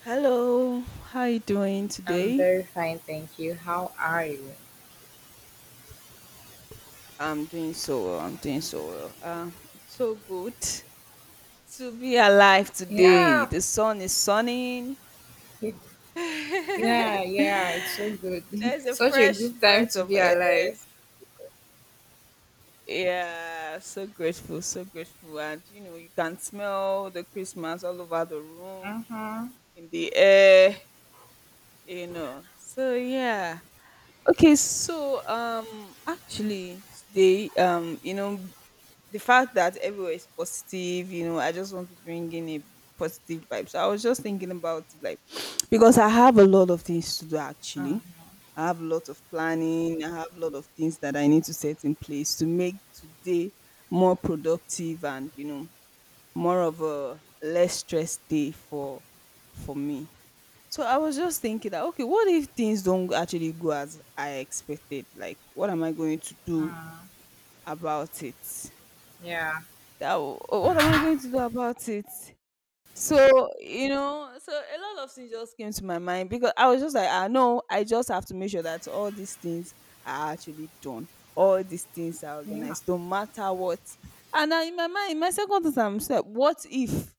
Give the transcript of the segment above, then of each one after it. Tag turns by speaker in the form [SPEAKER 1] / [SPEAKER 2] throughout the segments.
[SPEAKER 1] Hello, how you doing
[SPEAKER 2] I'm
[SPEAKER 1] today?
[SPEAKER 2] very fine, thank you. How are you?
[SPEAKER 1] I'm doing so well. I'm doing so well. It's so good to be alive today.
[SPEAKER 2] Yeah,
[SPEAKER 1] The sun is sunning.
[SPEAKER 2] it- yeah, yeah. It's so good.
[SPEAKER 1] There's a
[SPEAKER 2] Such a
[SPEAKER 1] fresh
[SPEAKER 2] good time
[SPEAKER 1] breath
[SPEAKER 2] to
[SPEAKER 1] of
[SPEAKER 2] be
[SPEAKER 1] air.
[SPEAKER 2] alive.
[SPEAKER 1] Yeah, so grateful, so grateful. And you can smell the Christmas all over the room,
[SPEAKER 2] Uh huh.
[SPEAKER 1] in the air. So yeah. Okay, so actually today, the fact that everywhere is positive, I just want to bring in a positive vibe. So I was just thinking about it, like, because I have a lot of things to do
[SPEAKER 2] Uh huh.
[SPEAKER 1] actually. I have a lot of planning, I have a lot of things that I need to set in place to make today more productive and, more of a less stress day for me. So I was just thinking that, okay, what if things don't actually go as I expected? Like, what am I going to do
[SPEAKER 2] Uh.
[SPEAKER 1] about it?
[SPEAKER 2] Yeah,
[SPEAKER 1] What am I going to do about it? So a lot of things just came to my mind, because I was just like, ah, no, I just have to make sure that all these things are actually done, all these things are
[SPEAKER 2] yeah.
[SPEAKER 1] organized, no matter what. And I, in my mind, my second thought, I'm just like, what if?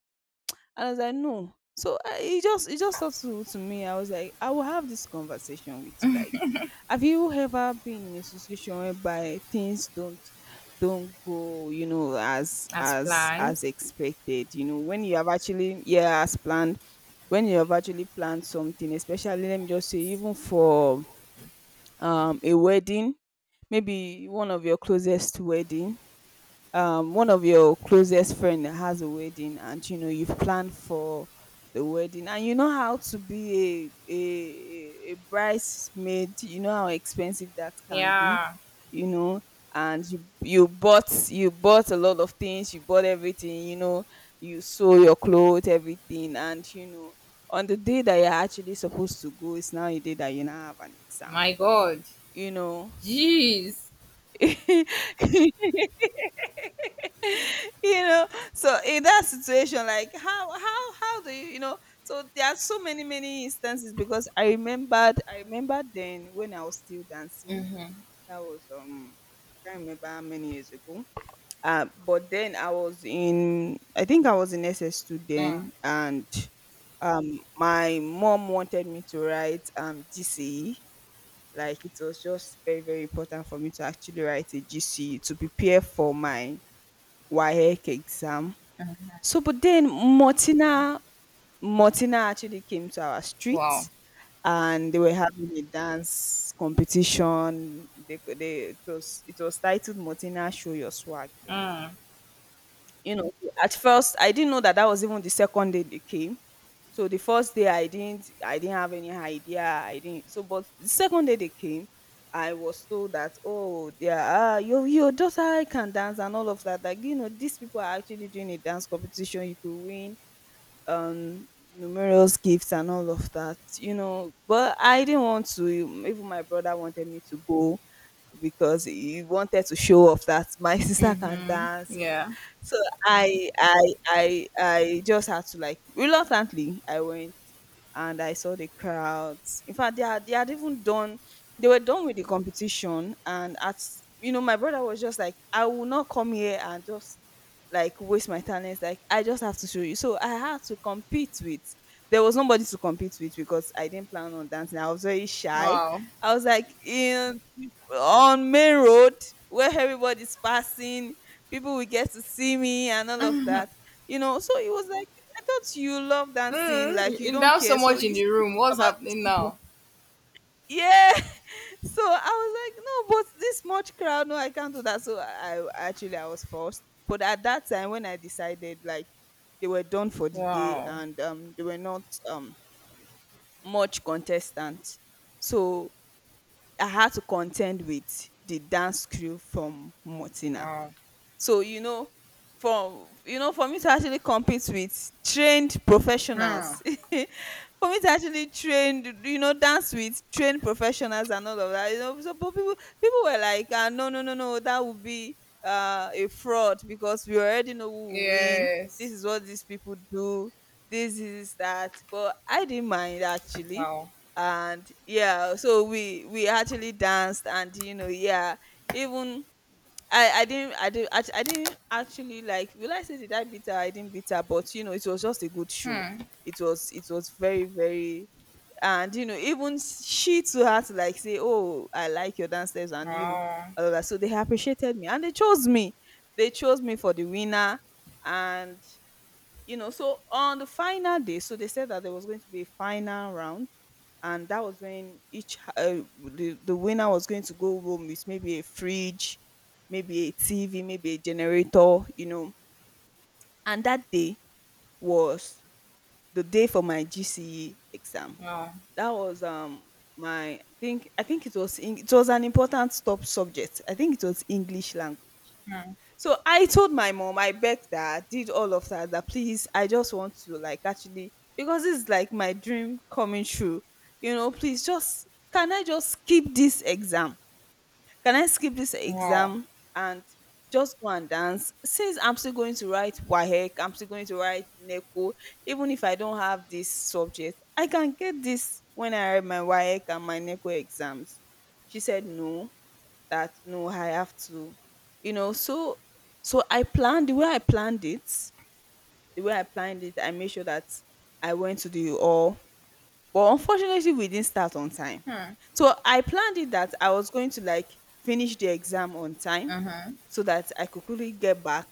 [SPEAKER 1] And I was like, no. So I, it just thought to me, I was like, I will have this conversation with you, like. Have you ever been in a situation whereby things don't go, as
[SPEAKER 2] As
[SPEAKER 1] as
[SPEAKER 2] planned.
[SPEAKER 1] as expected? When you have actually, yeah, as planned, when you have actually planned something, especially, let me just say, even for a wedding, maybe one of your closest friend that has a wedding, and you've planned for the wedding, and you know how to be a bridesmaid, you know how expensive that can be
[SPEAKER 2] Yeah.
[SPEAKER 1] you know and you bought a lot of things, you bought everything, you sew your clothes, everything. And on the day that you're actually supposed to go, it's now a day that you now have an exam
[SPEAKER 2] My God.
[SPEAKER 1] you know
[SPEAKER 2] Jeez.
[SPEAKER 1] you know so in that situation, like, how do you you know? So there are so many, many instances. Because I remember, then when I was still dancing.
[SPEAKER 2] Mm-hmm.
[SPEAKER 1] That was, I can't remember how many years ago. But then I think I was in SS2
[SPEAKER 2] Mm.
[SPEAKER 1] then. And um my mom wanted me to write GCE. Like, it was just very, very important for me to actually write a GCE to prepare for my waec exam. So, but then, Mortina actually came to our
[SPEAKER 2] Wow.
[SPEAKER 1] street, and they were having a dance competition. They, co- they it was titled Mortina Show Your Swag. Then,
[SPEAKER 2] Mm.
[SPEAKER 1] at first I didn't know that that was even the second day they came. So the first day I didn't have any idea. I didn't. But the second day they came, I was told that, oh, yeah, your daughter can dance and all of that. Like, these people are actually doing a dance competition, you could win um numerous gifts and all of that. But I didn't want to. Even my brother wanted me to go, because he wanted to show off that my sister can
[SPEAKER 2] Mm-hmm.
[SPEAKER 1] dance.
[SPEAKER 2] Yeah.
[SPEAKER 1] So i i I just had to, like, reluctantly, I went. And I saw the crowds. In fact, they had even done, they were done with the competition. And my brother was just like, I will not come here and just, like, waste my talents. Like, I just have to show you. So I had to compete with. There was nobody to compete with, because I didn't plan on dancing. I was very shy.
[SPEAKER 2] Wow.
[SPEAKER 1] I was like in on main road, where everybody's passing, people will get to see me and all of that. It was like, I thought you love dancing,
[SPEAKER 2] Mm.
[SPEAKER 1] like,
[SPEAKER 2] You
[SPEAKER 1] you
[SPEAKER 2] you
[SPEAKER 1] don't
[SPEAKER 2] down so
[SPEAKER 1] care, so
[SPEAKER 2] much in
[SPEAKER 1] you
[SPEAKER 2] the
[SPEAKER 1] shouldn't
[SPEAKER 2] room.
[SPEAKER 1] think
[SPEAKER 2] What's
[SPEAKER 1] about these
[SPEAKER 2] happening
[SPEAKER 1] people.
[SPEAKER 2] now?
[SPEAKER 1] Yeah. So I was like, no, but this much crowd, no, I can't do that. So I, actually, I was forced. But at that time when I decided, like, they were done for the day,
[SPEAKER 2] Wow.
[SPEAKER 1] and they were not much contestant. So I had to contend with the dance crew from Mortina.
[SPEAKER 2] Wow.
[SPEAKER 1] So for me to actually compete with trained
[SPEAKER 2] Hmm.
[SPEAKER 1] professionals, for me to actually dance with trained professionals and all of that. But people, were like, ah, no, no, no, no, that would be a fraud, because we already know who will win. This
[SPEAKER 2] Yes.
[SPEAKER 1] is what these people do. This is that. But I didn't mind actually.
[SPEAKER 2] Wow.
[SPEAKER 1] And, yeah, so we actually danced. And yeah, even I didn't actually, like, will I say, did I beat her? I didn't beat her, but it was just a good show.
[SPEAKER 2] Hmm.
[SPEAKER 1] It was very, very. And even she too had to, like, say, oh, I like your dance steps. And
[SPEAKER 2] Oh,
[SPEAKER 1] all of that. So they appreciated me and they chose me. They chose me for the winner. And on the final day, so they said that there was going to be a final round, and that was when the winner was going to go home with, maybe, a fridge, maybe a TV, maybe a generator. And that day was the day for my GCE exam.
[SPEAKER 2] no.
[SPEAKER 1] That was my I think it was in, it was an important top subject. I think it was English language.
[SPEAKER 2] Hmm.
[SPEAKER 1] So I told my mom, I begged her, did all of that, that, please, I just want to, like, actually, because this is, like, my dream coming true. Please, just, can I just skip this exam? Can I skip this
[SPEAKER 2] Wow.
[SPEAKER 1] exam and just go and dance? Since I'm still going to write WAHEC, I'm still going to write NECO, even if I don't have this subject, I can get this when I write my WAHEC and my NECO exams. She said no, that no, I have to, you know. So, so I planned the way I planned it. The way I planned it, I made sure that I went to the all. But unfortunately, we didn't start on time.
[SPEAKER 2] Hmm.
[SPEAKER 1] So I planned it that I was going to, like, finish the exam on time,
[SPEAKER 2] Mm-hmm.
[SPEAKER 1] so that I could quickly get back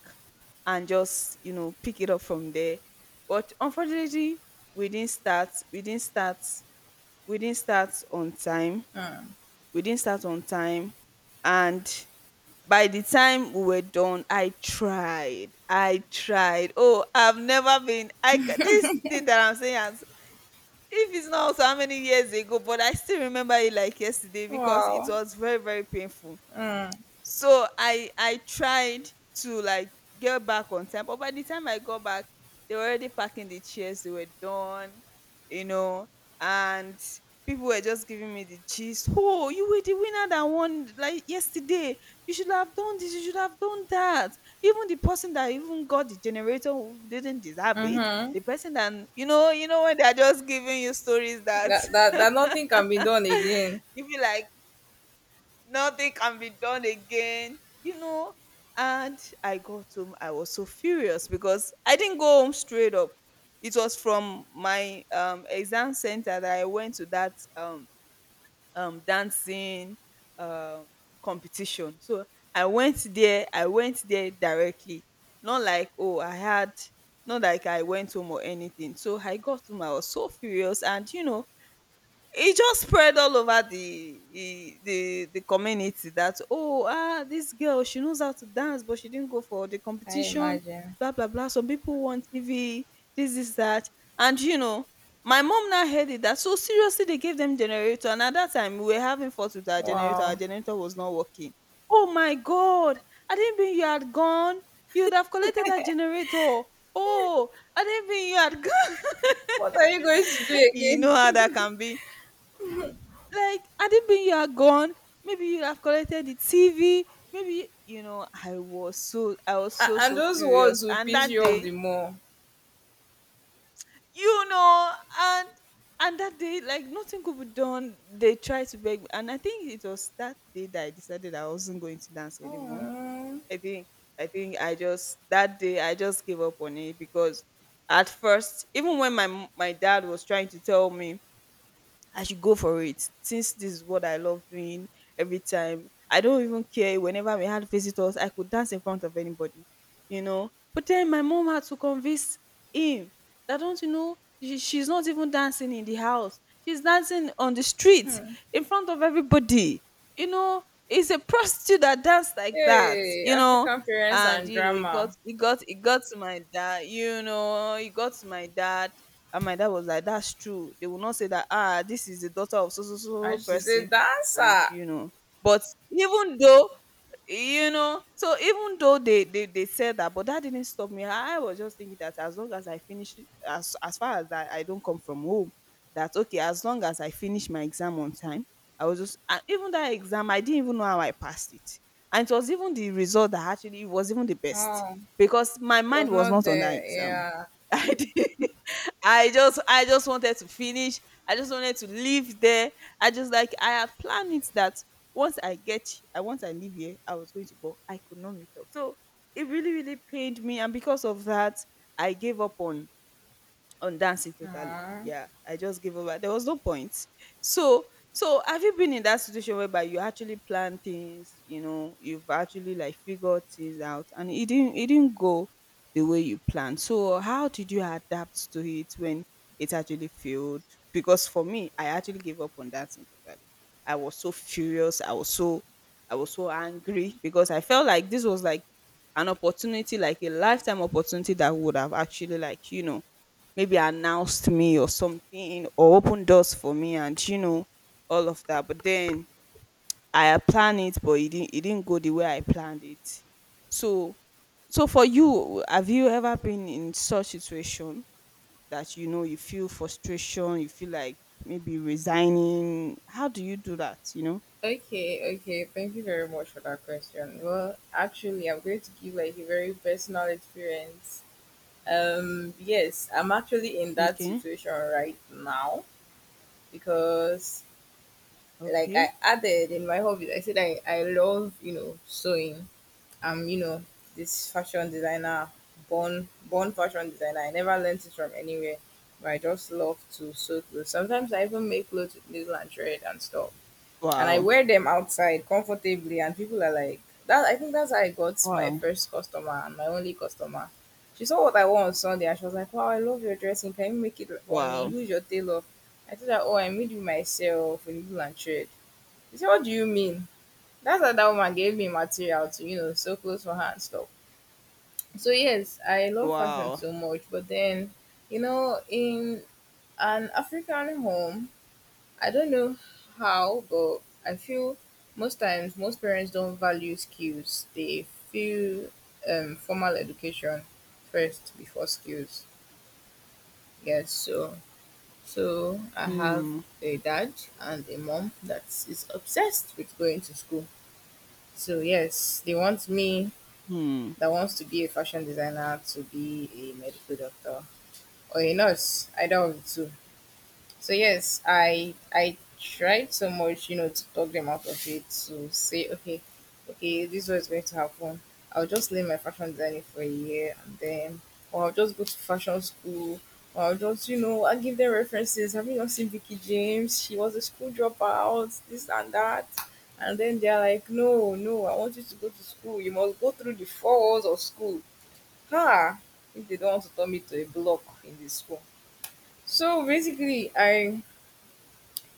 [SPEAKER 1] and just pick it up from there. But unfortunately, we didn't start. We didn't start. We didn't start on time.
[SPEAKER 2] Hmm.
[SPEAKER 1] We didn't start on time. And by the time we were done, I tried. I tried. Oh, I've never been. This thing that I'm saying, as if it's not so how many years ago, but I still remember it like yesterday, because it
[SPEAKER 2] Wow.
[SPEAKER 1] was very, very painful.
[SPEAKER 2] Mm.
[SPEAKER 1] So I tried to, like, get back on time. But by the time I got back, they were already packing the chairs. They were done, you know and people were just giving me the gist. Oh, you were the winner that won, like, yesterday. You should have done this, you should have done that. Even the person that even got the generator, who didn't deserve it.
[SPEAKER 2] Mm-hmm.
[SPEAKER 1] The person that, when they're just giving you stories that,
[SPEAKER 2] That, that, that nothing can be done again.
[SPEAKER 1] you feel like, nothing can be done again. And I got home, I was so furious, because I didn't go home straight up. It was from my exam center that I went to, that dancing um competition. So I went there directly. Not like, oh, I had, not like I went home or anything. So I got home, I was so furious. And, it just spread all over the community. That, oh, ah, this girl, she knows how to dance, but she didn't go for the
[SPEAKER 2] I
[SPEAKER 1] competition,
[SPEAKER 2] imagine.
[SPEAKER 1] blah, blah, blah. Some people want TV, this is that. And my mom now heard it, that, so, seriously, they gave them generator. And at that time, we were having fault with our generator, our
[SPEAKER 2] Wow.
[SPEAKER 1] generator was not working. Oh my God, I didn't mean you had gone, you'd have collected that generator. Oh, I didn't mean you had gone.
[SPEAKER 2] What are you going to do
[SPEAKER 1] You know
[SPEAKER 2] again?
[SPEAKER 1] how that can be. Like, had it been you are gone, maybe you have collected the TV. Maybe I was so
[SPEAKER 2] And
[SPEAKER 1] so
[SPEAKER 2] those
[SPEAKER 1] furious.
[SPEAKER 2] words will
[SPEAKER 1] And
[SPEAKER 2] piss
[SPEAKER 1] that
[SPEAKER 2] you off
[SPEAKER 1] day,
[SPEAKER 2] the more.
[SPEAKER 1] you know, and and that day, like nothing could be done. They tried to beg me. And I think it was that day that I decided I wasn't going to dance anymore.
[SPEAKER 2] Mm.
[SPEAKER 1] I think I think I just that day I just gave up on it because at first, even when my dad was trying to tell me I should go for it since this is what I love doing every time. I don't even care whenever we had visitors, I could dance in front of anybody. But then my mom had to convince him that don't she's not even dancing in the house. She's dancing on the street in front of everybody. You know, it's a prostitute that danced like that,
[SPEAKER 2] Hey,
[SPEAKER 1] you know.
[SPEAKER 2] African parents
[SPEAKER 1] And
[SPEAKER 2] and
[SPEAKER 1] you know, it got
[SPEAKER 2] drama.
[SPEAKER 1] it got it got to my dad, you know, it got to my dad and my dad was like, that's true. They will not say that, ah, this is the daughter of so so so so
[SPEAKER 2] And she's a
[SPEAKER 1] person. And
[SPEAKER 2] dancer.
[SPEAKER 1] you know, but even though even though they said that but that didn't stop me. I was just thinking that as long as I finish, as far as that I don't come from home, that okay, as long as I finish my exam on time. I was just, and even that exam I didn't even know how I passed it, and it was even the result that actually was even the best
[SPEAKER 2] Oh,
[SPEAKER 1] because my mind
[SPEAKER 2] was
[SPEAKER 1] was
[SPEAKER 2] not
[SPEAKER 1] not on that
[SPEAKER 2] there.
[SPEAKER 1] exam.
[SPEAKER 2] Yeah.
[SPEAKER 1] i did, I just I just wanted to finish. I just wanted to live there. I just like I had planned it that once I once I leave here, I was going to, but I could not meet up. So it really, really pained me, and because of that, I gave up on dancing totally.
[SPEAKER 2] Mm.
[SPEAKER 1] Yeah, I just gave over. There was no point. So, so have you been in that situation whereby you actually plan things, you know, you've actually like figured things out and it didn't go the way you planned. So how did you adapt to it when it actually failed? Because for me, I actually gave up on dancing totally. I was so furious. I was so angry because I felt like this was like an opportunity, like a lifetime opportunity that would have actually like, you know, maybe announced me or something or opened doors for me, and you know, all of that, but then I had planned it, but it didn't go the way I planned it. So so for you, have you ever been in such situation that you know you feel frustration, you feel like maybe resigning? How do you do that?
[SPEAKER 2] Okay, okay. Thank you very much for that question. Well, actually, I'm going to give like a very personal experience. Yes, I'm actually in that
[SPEAKER 1] Okay,
[SPEAKER 2] situation right now because, like
[SPEAKER 1] okay,
[SPEAKER 2] I added in my hobbies, I said I love sewing. I'm this fashion designer, born fashion designer. I never learned it from anywhere, but I just love to sew clothes. Sometimes I even make clothes with needle and thread and stuff and I
[SPEAKER 1] wow,
[SPEAKER 2] wear them outside comfortably, and people are like, that. I think that's how I got my
[SPEAKER 1] wow,
[SPEAKER 2] first customer and my only customer. She saw what I wore on Sunday, and she was like, "Wow, I love your dressing. Can you make it for me?
[SPEAKER 1] wow,
[SPEAKER 2] Who's your tailor?" I told her, "Oh, I made it myself in England trade." She said, "What do you mean?" That's how that woman gave me material to sew clothes for her and stuff. So yes, I love fashion
[SPEAKER 1] wow.
[SPEAKER 2] so much, but then, in an African home, I don't know how, but I feel most times most parents don't value skills. They feel formal education first before skills. Yes, so I have
[SPEAKER 1] Mm,
[SPEAKER 2] a dad and a mom that is obsessed with going to school. So yes, they want me
[SPEAKER 1] mm,
[SPEAKER 2] that wants to be a fashion designer to be a medical doctor or a nurse, either of the two. So yes, I tried so much, to talk them out of it to say, okay, okay, this is what's going to happen. I'll just leave my fashion designing for a year and then or I'll just go to fashion school or I'll give them references. Have you not seen Vicky James? She was a school dropout, this and that. And then they're like, "No, no, I want you to go to school. You must go through the four walls of school." Ha! If they don't want to turn me to a block in the school. So basically I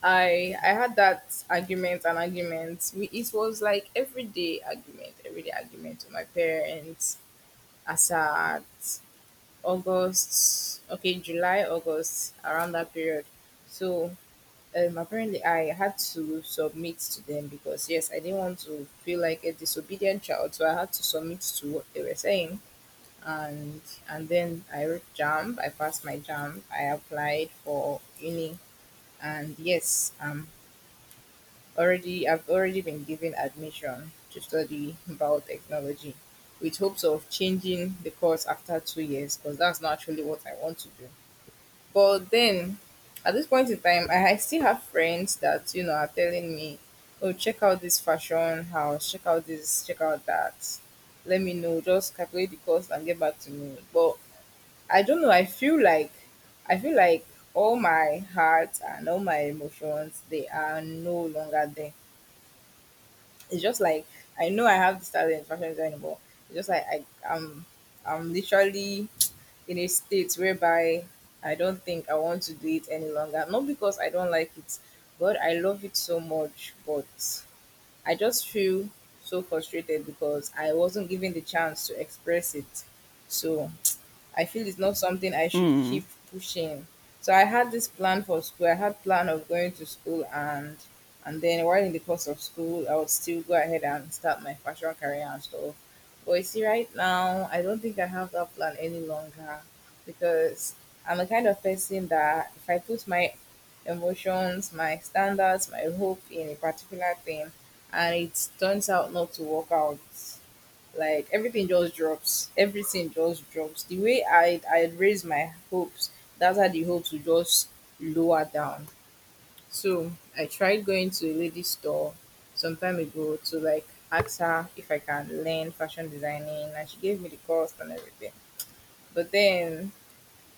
[SPEAKER 2] I I had that argument and argument. It was like everyday argument with my parents. As at August, okay, July, August, around that period. So apparently, I had to submit to them because yes, I didn't want to feel like a disobedient child, so I had to submit to what they were saying. And and then I wrote jump. I passed my jump. I applied for uni, and yes, I'm already, I've already been given admission to study biotechnology with hopes of changing the course after 2 years because that's not actually what I want to do. But then, at this point in time, I still have friends that are telling me, "Oh, check out this fashion house, check out this, check out that." Let me know, just calculate the cost and get back to me. But I don't know. I feel like all my heart and all my emotions they are no longer there. It's just like I know I have this talent in fashion design, but it's just like I, am I'm literally in a state whereby I don't think I want to do it any longer. Not because I don't like it, but I love it so much. But I just feel so frustrated because I wasn't given the chance to express it. So I feel it's not something I should
[SPEAKER 1] mm,
[SPEAKER 2] keep pushing. So I had this plan for school. I had plan of going to school and then while in the course of school, I would still go ahead and start my fashion career and stuff. But you see, right now, I don't think I have that plan any longer because I'm the kind of person that if I put my emotions, my standards, my hope in a particular thing, and it turns out not to work out, like everything just drops. Everything just drops. The way I raised my hopes, that's how the hopes will just lower down. So I tried going to a lady store some time ago to like ask her if I can learn fashion designing and she gave me the cost and everything. But then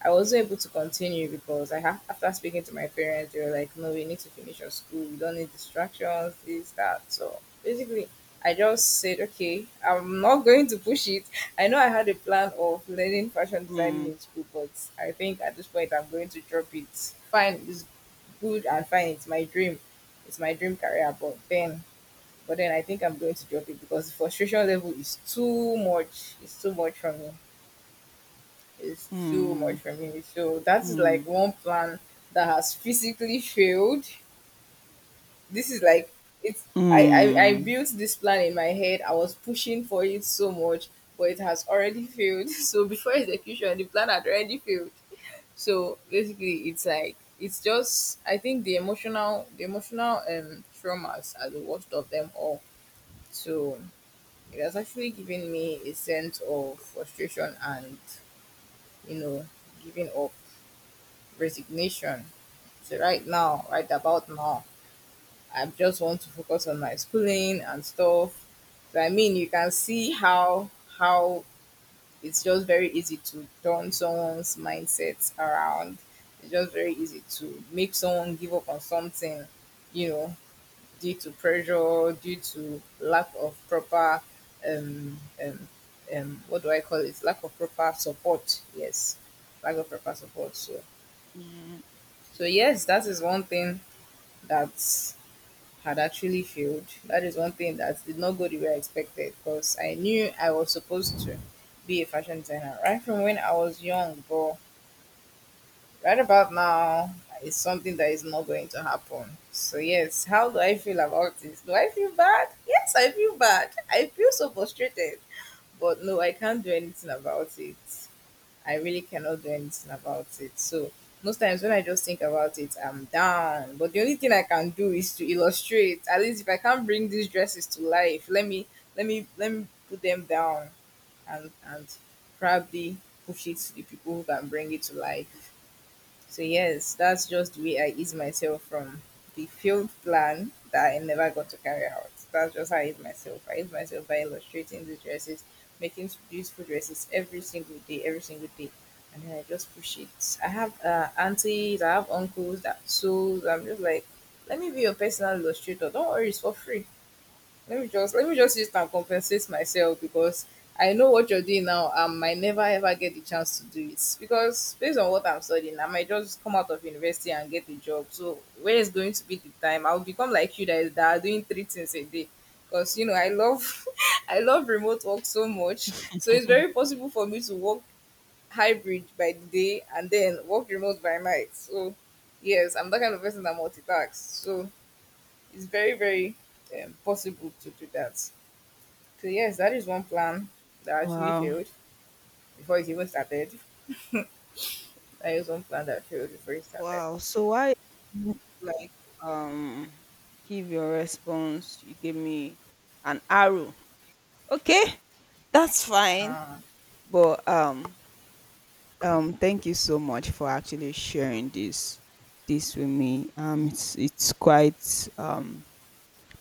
[SPEAKER 2] I was able to continue because I have after speaking to my parents, they were like, "No, we need to finish your school. We don't need distractions, this, that." So basically, I just said, "Okay, I'm not going to push it." I know I had a plan of learning fashion designing
[SPEAKER 1] mm,
[SPEAKER 2] in school, but I think at this point I'm going to drop it. Fine, it's good and fine. It's my dream. It's my dream career, but then I think I'm going to drop it because the frustration level is too much. It's too much for me is too much
[SPEAKER 1] mm,
[SPEAKER 2] for me. So that's
[SPEAKER 1] mm,
[SPEAKER 2] like one plan that has physically failed. This is like it's I
[SPEAKER 1] mm.
[SPEAKER 2] built this plan in my head. I was pushing for it so much, but it has already failed. So before execution, the plan had already failed. So basically, it's like it's just I think the emotional traumas are the worst of them all. So it has actually given me a sense of frustration and you know giving up. Resignation. So right now, right about now, I just want to focus on my schooling and stuff. So I mean, you can see how how it's just very easy to turn someone's mindset around. It's just very easy to make someone give up on something, you know, due to pressure, due to lack of proper um um what do I call it? Lack of proper support. Yes, lack of proper support. So
[SPEAKER 1] Mm.
[SPEAKER 2] so yes, that is one thing that had actually failed. That is one thing that did not go the way I expected because I knew I was supposed to be a fashion designer right from when I was young, but right about now it's something that is not going to happen. So yes, how do I feel about this? Do I feel bad? Yes, I feel bad. I feel so frustrated. But no, I can't do anything about it. I really cannot do anything about it. So most times when I just think about it, I'm down. But the only thing I can do is to illustrate. At least if I can't bring these dresses to life, let me put them down and probably push it to the people who can bring it to life. So yes, that's just the way I ease myself from the failed plan that I never got to carry out. That's just how I ease myself. I ease myself by illustrating the dresses, making beautiful dresses every single day, every single day. And then I just push it. I have aunties, I have uncles that sews. I'm just like, let me be your personal illustrator. Don't worry, it's for free. Let me just use it and compensate myself because I know what you're doing now. I might never ever get the chance to do it because based on what I'm studying, I might just come out of university and get a job. So where is going to be the time? I'll become like you that are doing three things a day. Because I love I love remote work so much. So it's very possible for me to work hybrid by the day and then work remote by night. So yes, I'm that kind of person that multitasks. So it's very very possible to do that. So yes, that is one plan that actually
[SPEAKER 1] Wow.
[SPEAKER 2] failed before it even started. That is one plan that failed before it started.
[SPEAKER 1] Wow. So why like um give your response? You gave me an arrow. Okay, that's fine.
[SPEAKER 2] Ah,
[SPEAKER 1] But thank you so much for actually sharing this with me. It's quite um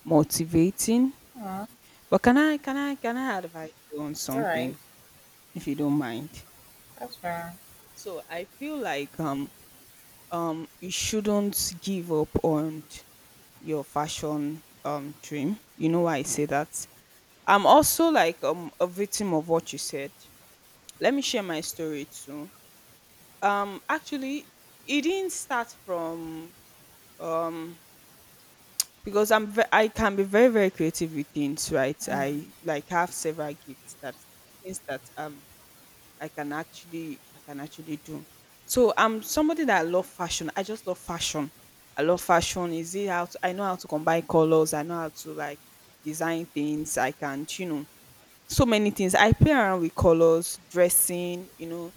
[SPEAKER 1] motivating.
[SPEAKER 2] ah,
[SPEAKER 1] But can I advise you on
[SPEAKER 2] all right.
[SPEAKER 1] something if you don't mind?
[SPEAKER 2] That's fair.
[SPEAKER 1] So I feel like you shouldn't give up on your fashion dream. You know why I say that? I'm also like a victim of what you said. Let me share my story too. Actually it didn't start from um because I'm I can be very very creative with things, right?
[SPEAKER 2] Mm,
[SPEAKER 1] I like have several gifts that things that I can actually do. So I'm somebody that love fashion. I just love fashion. I love fashion. Is it how to, I know how to combine colors. I know how to like design things. I can you know so many things. I play around with colors, dressing. You know,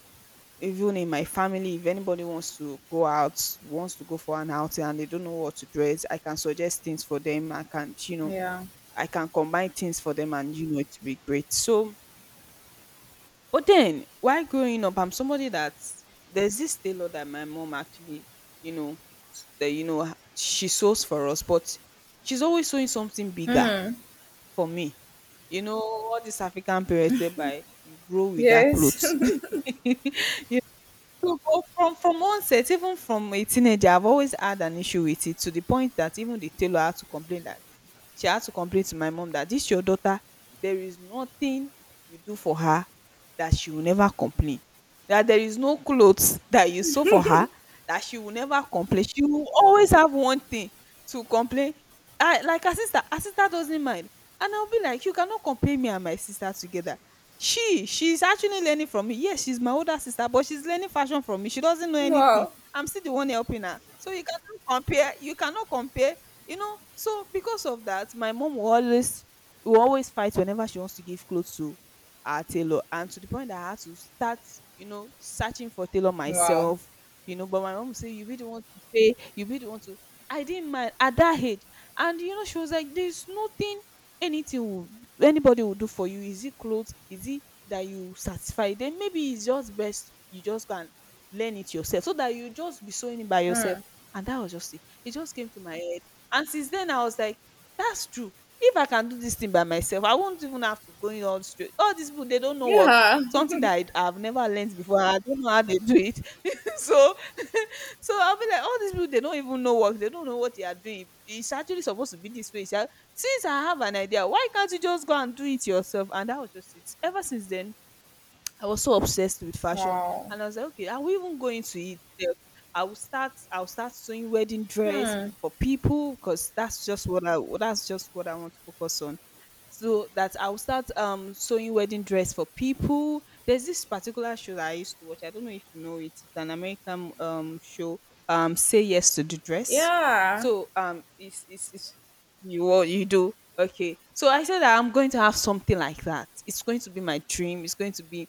[SPEAKER 1] even in my family, if anybody wants to go out, wants to go for an outing, and they don't know what to dress, I can suggest things for them. I can you know
[SPEAKER 2] yeah.
[SPEAKER 1] I can combine things for them, and you know it will be great. So but then, while growing up, I'm somebody that there's this tailor that my mom actually, you know, that you know she sews for us, but she's always sewing something bigger
[SPEAKER 2] Hmm.
[SPEAKER 1] for me. You know, all these African parents whereby you grow with that
[SPEAKER 2] Yes.
[SPEAKER 1] clothes. Yeah. So but from onset, even from a teenager, I've always had an issue with it to the point that even the tailor had to complain that she had to complain to my mom that this your daughter, there is nothing you do for her that she will never complain. That there is no clothes that you sew for her that she will never complain. She will always have one thing to complain. I, like her sister doesn't mind. And I'll be like, you cannot compare me and my sister together. She's actually learning from me. Yes, she's my older sister, but she's learning fashion from me. She doesn't know anything.
[SPEAKER 2] Wow.
[SPEAKER 1] I'm still the one helping her. So you cannot compare. You cannot compare you know so because of that my mom will always fight whenever she wants to give clothes to our tailor, and to the point that I had to start you know searching for tailor
[SPEAKER 2] Wow.
[SPEAKER 1] myself, you know, but my mom say you be the one to pay, you be the one to. I didn't mind at that age. And you know she was like, there's nothing, anything will, anybody will do for you. Is it clothes? Is it that you satisfy? Then maybe it's just best you just can learn it yourself so that you just be sewing it by
[SPEAKER 2] Hmm.
[SPEAKER 1] yourself. And that was just it. It just came to my head, and since then I was like, that's true. If I can do this thing by myself, I won't even have to go in all straight. All these people they don't know work.
[SPEAKER 2] Yeah.
[SPEAKER 1] Something that I've never learned before. I don't know how they do it. So so I'll be like, all these people they don't even know work. They don't know what they are doing. It's actually supposed to be this way. It's like, since I have an idea, why can't you just go and do it yourself? And that was just it. Ever since then, I was so obsessed with fashion,
[SPEAKER 2] Wow.
[SPEAKER 1] and I was like, okay, are we even going to eat? I will start. I will start sewing wedding dress
[SPEAKER 2] Hmm.
[SPEAKER 1] for people because that's just what I. That's just what I want to focus on. So that I will start sewing wedding dress for people. There's this particular show that I used to watch. I don't know if you know it. It's an American show. Say yes to the dress.
[SPEAKER 2] Yeah.
[SPEAKER 1] So it's you what you do. Okay, so I said that I'm going to have something like that. It's going to be my dream. It's going to be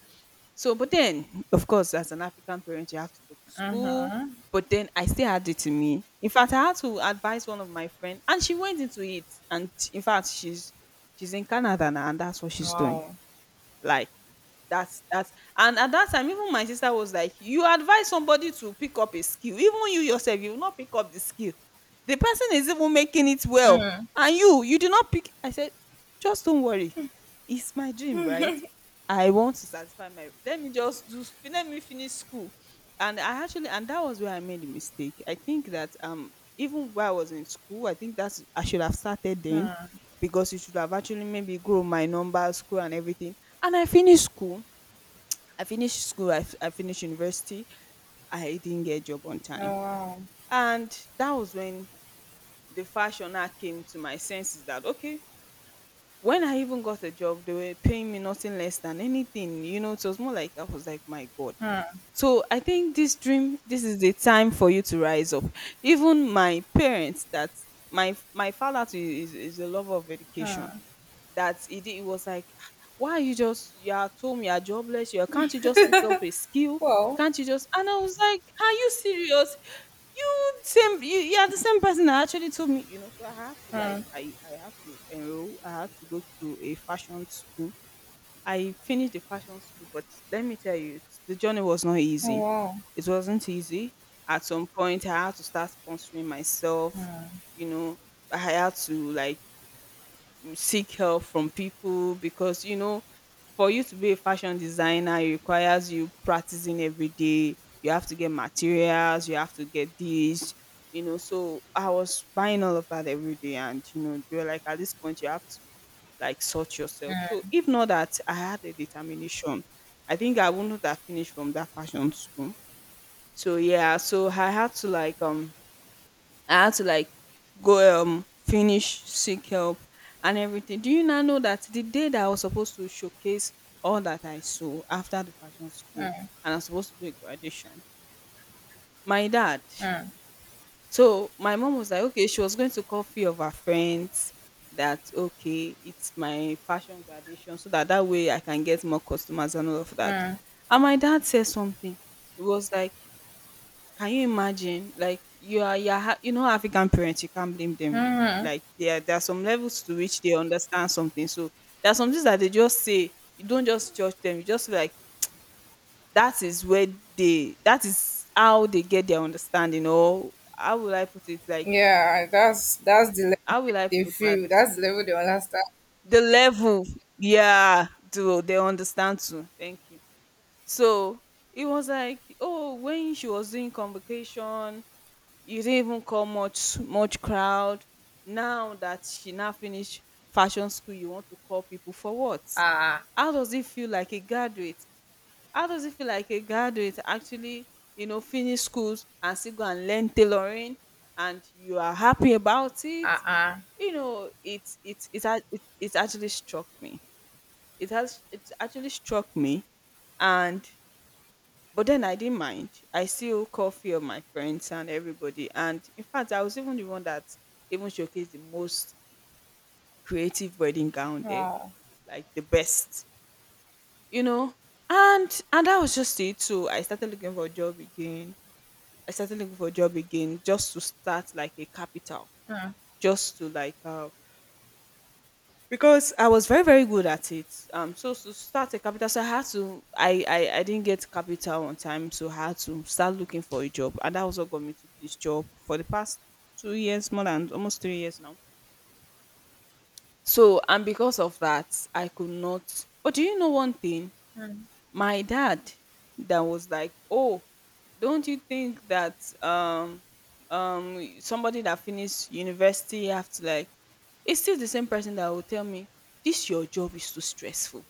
[SPEAKER 1] so, but then, of course, as an African parent, you have to go to school.
[SPEAKER 2] Uh-huh.
[SPEAKER 1] But then I still had it to me. In fact, I had to advise one of my friends, and she went into it. And in fact, she's in Canada now, and that's what she's doing.
[SPEAKER 2] Wow.
[SPEAKER 1] Like that's and at that time, even my sister was like, you advise somebody to pick up a skill. Even you yourself, you will not pick up the skill. The person is even making it well, and you do not pick. I said, just don't worry. It's my dream, right? I want to satisfy my. Let me just do. Let me finish school. And I actually, and that was where I made a mistake. I think that even while I was in school, I think that's I should have started then,
[SPEAKER 2] Hmm.
[SPEAKER 1] because it should have actually maybe grown my number, school, and everything, and I finished school. I finished school. I, I finished university. I didn't get a job on time.
[SPEAKER 2] Oh, wow.
[SPEAKER 1] And that was when the fashioner came to my senses that, okay, when I even got a job, they were paying me nothing less than anything. You know, it was more like I was like, my God.
[SPEAKER 2] Hmm.
[SPEAKER 1] So I think this dream, this is the time for you to rise up. Even my parents, that my father too is a lover of education,
[SPEAKER 2] Hmm.
[SPEAKER 1] that he did, he was like, ah, why are you just you're at home, you're jobless, you can't you just pick up a skill?
[SPEAKER 2] Well.
[SPEAKER 1] Can't you just, and I was like, are you serious? You are the same person that actually told me, you know, so I had to like
[SPEAKER 2] Hmm.
[SPEAKER 1] I had to enroll, I had to go to a fashion school. I finished the fashion school, but let me tell you, the journey was not
[SPEAKER 2] Oh,
[SPEAKER 1] easy.
[SPEAKER 2] wow.
[SPEAKER 1] It wasn't easy. At some point I had to start sponsoring myself, you know, I had to like seek help from people because you know for you to be a fashion designer, it requires you practicing every day. You have to get materials, you have to get this, you know. So I was buying all of that every day, and you know, they were like, at this point, you have to like sort yourself. So if not that, I had a determination. I think I wouldn't have finished from that fashion school. So yeah, so I had to like I had to like go finish seek help and everything. Do you now know that the day that I was supposed to showcase all that I saw after the fashion school and I'm supposed to do a graduation, my dad.
[SPEAKER 2] Hmm.
[SPEAKER 1] So my mom was like, okay, she was going to call few of her friends that okay, it's my fashion graduation, so that way I can get more customers and all of that.
[SPEAKER 2] Hmm.
[SPEAKER 1] And my dad said something. It was like, can you imagine? Like you know, African parents. You can't blame them.
[SPEAKER 2] Hmm.
[SPEAKER 1] Like there are some levels to which they understand something. So there are some things that they just say. You don't just judge them. You just feel like that is where that is how they get their understanding. Or how will I put it? Like
[SPEAKER 2] Yeah, that's the level
[SPEAKER 1] how
[SPEAKER 2] they
[SPEAKER 1] will I
[SPEAKER 2] they
[SPEAKER 1] put that?
[SPEAKER 2] feel. That's the level they understand.
[SPEAKER 1] The level, yeah, do they understand too? Thank you. So it was like, oh, when she was doing convocation you didn't even call much crowd now that she now finished fashion school you want to call people for what.
[SPEAKER 2] Ah.
[SPEAKER 1] How does it feel like a graduate how does it feel like a graduate actually you know finish schools and still go and learn tailoring and you are happy about it
[SPEAKER 2] Uh-uh.
[SPEAKER 1] you know it actually struck me it actually struck me and but then I didn't mind. I still called few of my friends and everybody. And in fact, I was even the one that even showcased the most creative wedding gown there,
[SPEAKER 2] Oh.
[SPEAKER 1] like the best, you know. And that was just it. So I started looking for a job again. I started looking for a job again just to start like a capital, just to like because I was very very good at it. So to start a capital, so I had to. I didn't get capital on time, so I had to start looking for a job, and that also got me to this job for the past 2 years, more than almost 3 years now. So and because of that, I could not. But do you know one thing? My dad, that was like, oh, don't you think that somebody that finished university have to like? It's still the same person that will tell me this your job is too stressful.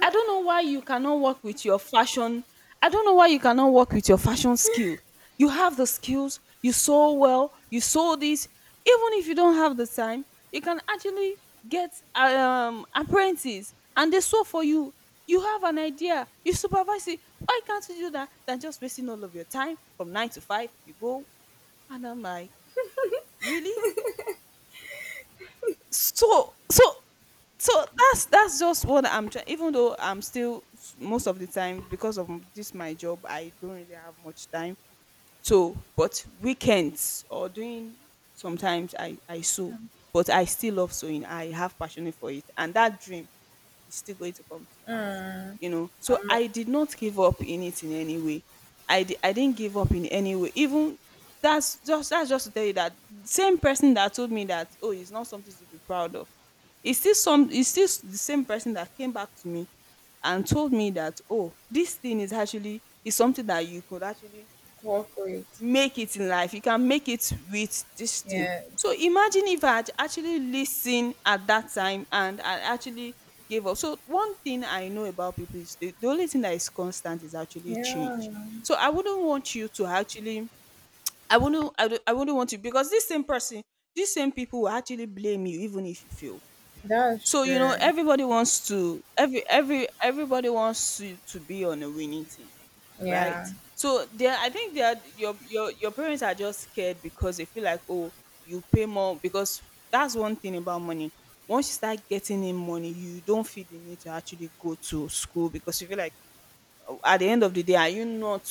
[SPEAKER 1] I don't know why you cannot work with your fashion. I don't know why you cannot work with your fashion skill. You have the skills, you sew well, you sew this. Even if you don't have the time, you can actually get apprentices and they sew for you. You have an idea, you supervise it. Why can't you do that than just wasting all of your time from 9 to 5? You go and I'm like, really? so so so that's just what I'm trying, even though I'm still most of the time because of this my job I don't really have much time, so but weekends or doing sometimes I sew, but I still love sewing. I have passion for it and that dream, it's still going to come to pass,
[SPEAKER 2] Mm-mm.
[SPEAKER 1] you know. So
[SPEAKER 2] I'm
[SPEAKER 1] I did not give up in it in any way. I didn't give up in any way even. That's just that's just to tell you that same person that told me that oh it's not something to be proud of. It's still some it's still s- the same person that came back to me and told me that oh this thing is actually is something that you could actually
[SPEAKER 2] corporate.
[SPEAKER 1] make it in life. You can make it with this thing.
[SPEAKER 2] Yes.
[SPEAKER 1] So imagine if I had actually listened at that time and I actually gave up. So one thing I know about people is the only thing that is constant is actually change.
[SPEAKER 2] Yeah.
[SPEAKER 1] So I wouldn't want you to actually I wouldn't want you, because this same person, these same people will actually blame you even if you fail.
[SPEAKER 2] That's
[SPEAKER 1] So you know
[SPEAKER 2] true.
[SPEAKER 1] everybody wants to to be on a winning team, right?
[SPEAKER 2] Yeah.
[SPEAKER 1] So there, I think that your parents are just scared because they feel like oh you pay more because that's one thing about money. Once you start getting in money, you don't feel the need to actually go to school because you feel like oh, at the end of the day, are you not,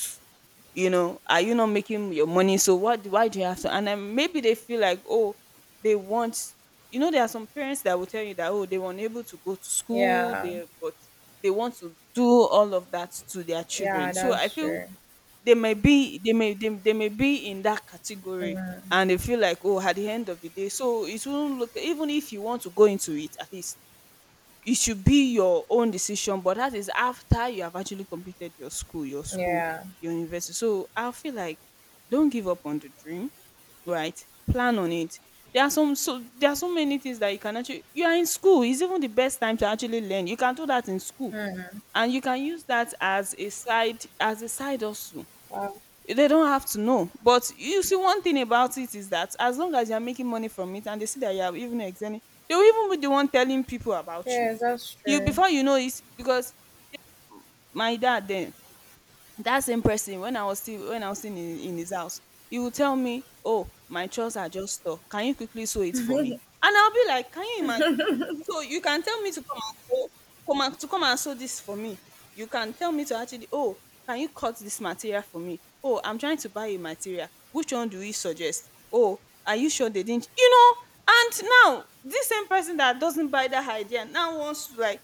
[SPEAKER 1] you know, are you not making your money? So what? Why do you have to? And then maybe they feel like oh they want, you know, there are some parents that will tell you that oh they were unable to go to school,
[SPEAKER 2] Yeah.
[SPEAKER 1] they but they want to do all of that to their
[SPEAKER 2] Yeah,
[SPEAKER 1] children. So I
[SPEAKER 2] that's
[SPEAKER 1] feel
[SPEAKER 2] true.
[SPEAKER 1] they may be in that category,
[SPEAKER 2] Mm.
[SPEAKER 1] and they feel like oh at the end of the day so it won't look. Even if you want to go into it, at least it should be your own decision, but that is after you have actually completed your school,
[SPEAKER 2] Yeah.
[SPEAKER 1] your university. So I feel like don't give up on the dream, right, plan on it. There are some there are so many things that you can actually, you are in school, it's even the best time to actually learn. You can do that in school
[SPEAKER 2] Mm.
[SPEAKER 1] and you can use that as a side hustle.
[SPEAKER 2] Wow.
[SPEAKER 1] They don't have to know. But you see, one thing about it is that as long as you're making money from it and they see that you're even excelling, they will even be the one telling people about you.
[SPEAKER 2] Yes, that's
[SPEAKER 1] You
[SPEAKER 2] true.
[SPEAKER 1] before you know it, because my dad then, that same person, when I was still when I was still in his house, he would tell me, "Oh, my chores are just stuck. Can you quickly sew it for me?" And I'll be like, "Can you imagine? So you can tell me to come and sew, come and to come and sew this for me. You can tell me to actually, oh, can you cut this material for me? Oh, I'm trying to buy a material. Which one do you suggest? Oh, are you sure they didn't?" You know, and now this same person that doesn't buy that idea now wants to like,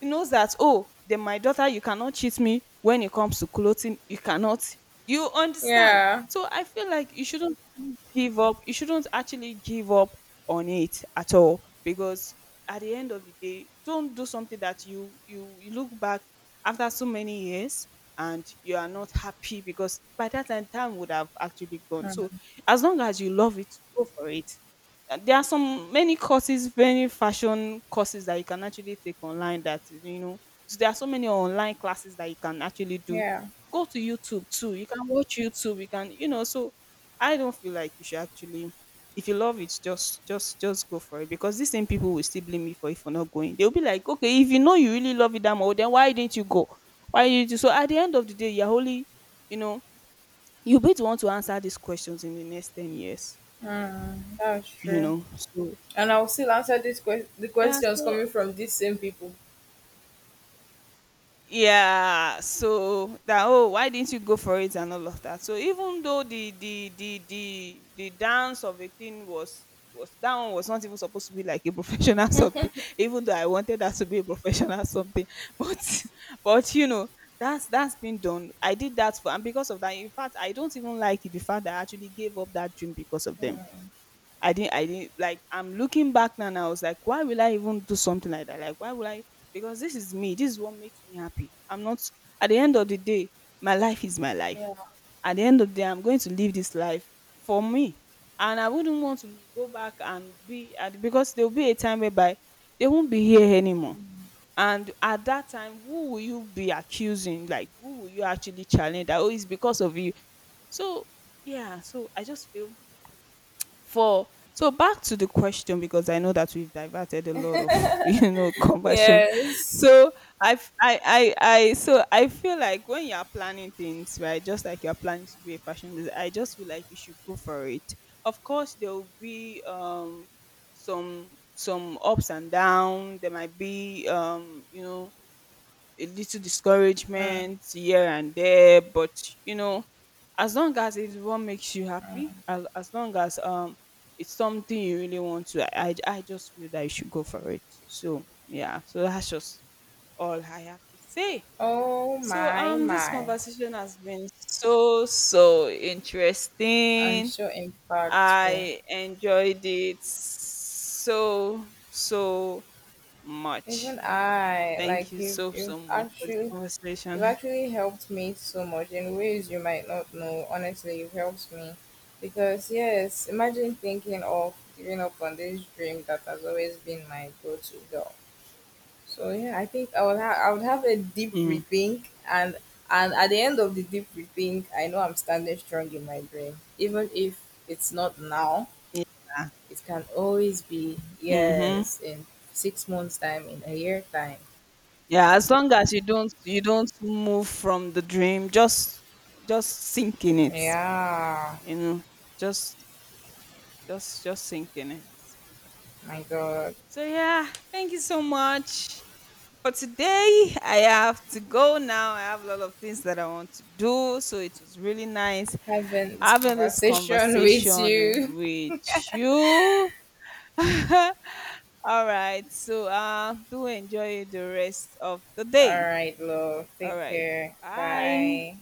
[SPEAKER 1] he knows that oh then my daughter, you cannot cheat me when it comes to clothing. You cannot, you understand.
[SPEAKER 2] Yeah.
[SPEAKER 1] So I feel like you shouldn't give up, you shouldn't actually give up on it at all, because at the end of the day, don't do something that you look back after so many years and you are not happy, because by that time would have actually gone. So
[SPEAKER 2] Mm.
[SPEAKER 1] as long as you love it, go for it. There are some many courses, many fashion courses that you can actually take online, that you know there are so many online classes that you can actually do.
[SPEAKER 2] Yeah.
[SPEAKER 1] Go to YouTube too. You can watch YouTube. You can, you know, so I don't feel like you should actually, if you love it, just go for it. Because these same people will still blame me for if you're not going. They'll be like, okay, if you know you really love it that much, then why didn't you go? Why did you? So at the end of the day, you're only, you know, you'll be the one to answer these questions in the next 10 years.
[SPEAKER 2] Mm. That's
[SPEAKER 1] You
[SPEAKER 2] true.
[SPEAKER 1] know, so
[SPEAKER 2] And I'll still answer the
[SPEAKER 1] yeah.
[SPEAKER 2] questions
[SPEAKER 1] So
[SPEAKER 2] coming from these same people.
[SPEAKER 1] yeah, so that oh why didn't you go for it and all of that. So even though the dance of a thing was, that one was not even supposed to be like a professional something, even though I wanted that to be a professional something but but you know that's been done, I did that for. And because of that, in fact, I don't even like it, the fact that I actually gave up that dream because of them. I didn't like I'm looking back now and I was like, why will I even do something like that? Like why will I, because this is me, this is what makes me happy. I'm not at the end of the day, my life is my life.
[SPEAKER 2] Yeah.
[SPEAKER 1] At the end of the day, I'm going to live this life for me. And I wouldn't want to go back and be at, because there'll be a time whereby they won't be here anymore. And at that time, who will you be accusing? Like who will you actually challenge that? Oh, it's because of you. So yeah, so I just feel for, so back to the question, because I know that we've diverted a lot of you know conversion.
[SPEAKER 2] Yes.
[SPEAKER 1] So I so I feel like when you are planning things, right, just like you're planning to be a fashion designer, I just feel like you should go for it. Of course there will be some ups and downs. There might be you know a little
[SPEAKER 2] Mm.
[SPEAKER 1] discouragement here and there, but you know, as long as it's what makes you happy, as long as it's something you really want to, I just feel that you should go for it. So yeah, so that's just all I have to say.
[SPEAKER 2] Oh
[SPEAKER 1] So
[SPEAKER 2] my
[SPEAKER 1] this
[SPEAKER 2] my.
[SPEAKER 1] conversation has been so so
[SPEAKER 2] And
[SPEAKER 1] interesting.
[SPEAKER 2] so impactful.
[SPEAKER 1] I enjoyed it so so
[SPEAKER 2] Even
[SPEAKER 1] much.
[SPEAKER 2] I, like
[SPEAKER 1] Thank you so so much for this
[SPEAKER 2] you've
[SPEAKER 1] conversation.
[SPEAKER 2] actually helped me so much in ways you might not know. Honestly, you've helped me. Because yes, imagine thinking of giving up on this dream that has always been my go-to goal. So yeah, I think I would have a deep
[SPEAKER 1] Mm.
[SPEAKER 2] rethink and at the end of the deep rethink, I know I'm standing strong in my dream. Even if it's not now,
[SPEAKER 1] Yeah.
[SPEAKER 2] it can always be
[SPEAKER 1] Mhm.
[SPEAKER 2] yes in 6 months time, in a year time.
[SPEAKER 1] Yeah, as long as you don't move from the dream, just sink in it.
[SPEAKER 2] Yeah,
[SPEAKER 1] You know, just just sink in it.
[SPEAKER 2] my God.
[SPEAKER 1] So yeah, thank you so much for today. I have to go now. I have a lot of things that I want to do. So it was really nice
[SPEAKER 2] Having this
[SPEAKER 1] having this
[SPEAKER 2] conversation with
[SPEAKER 1] conversation
[SPEAKER 2] you.
[SPEAKER 1] with you. All right. So do enjoy the rest of the
[SPEAKER 2] All
[SPEAKER 1] day.
[SPEAKER 2] right, love.
[SPEAKER 1] All
[SPEAKER 2] Take
[SPEAKER 1] right.
[SPEAKER 2] care.
[SPEAKER 1] Bye.
[SPEAKER 2] Bye.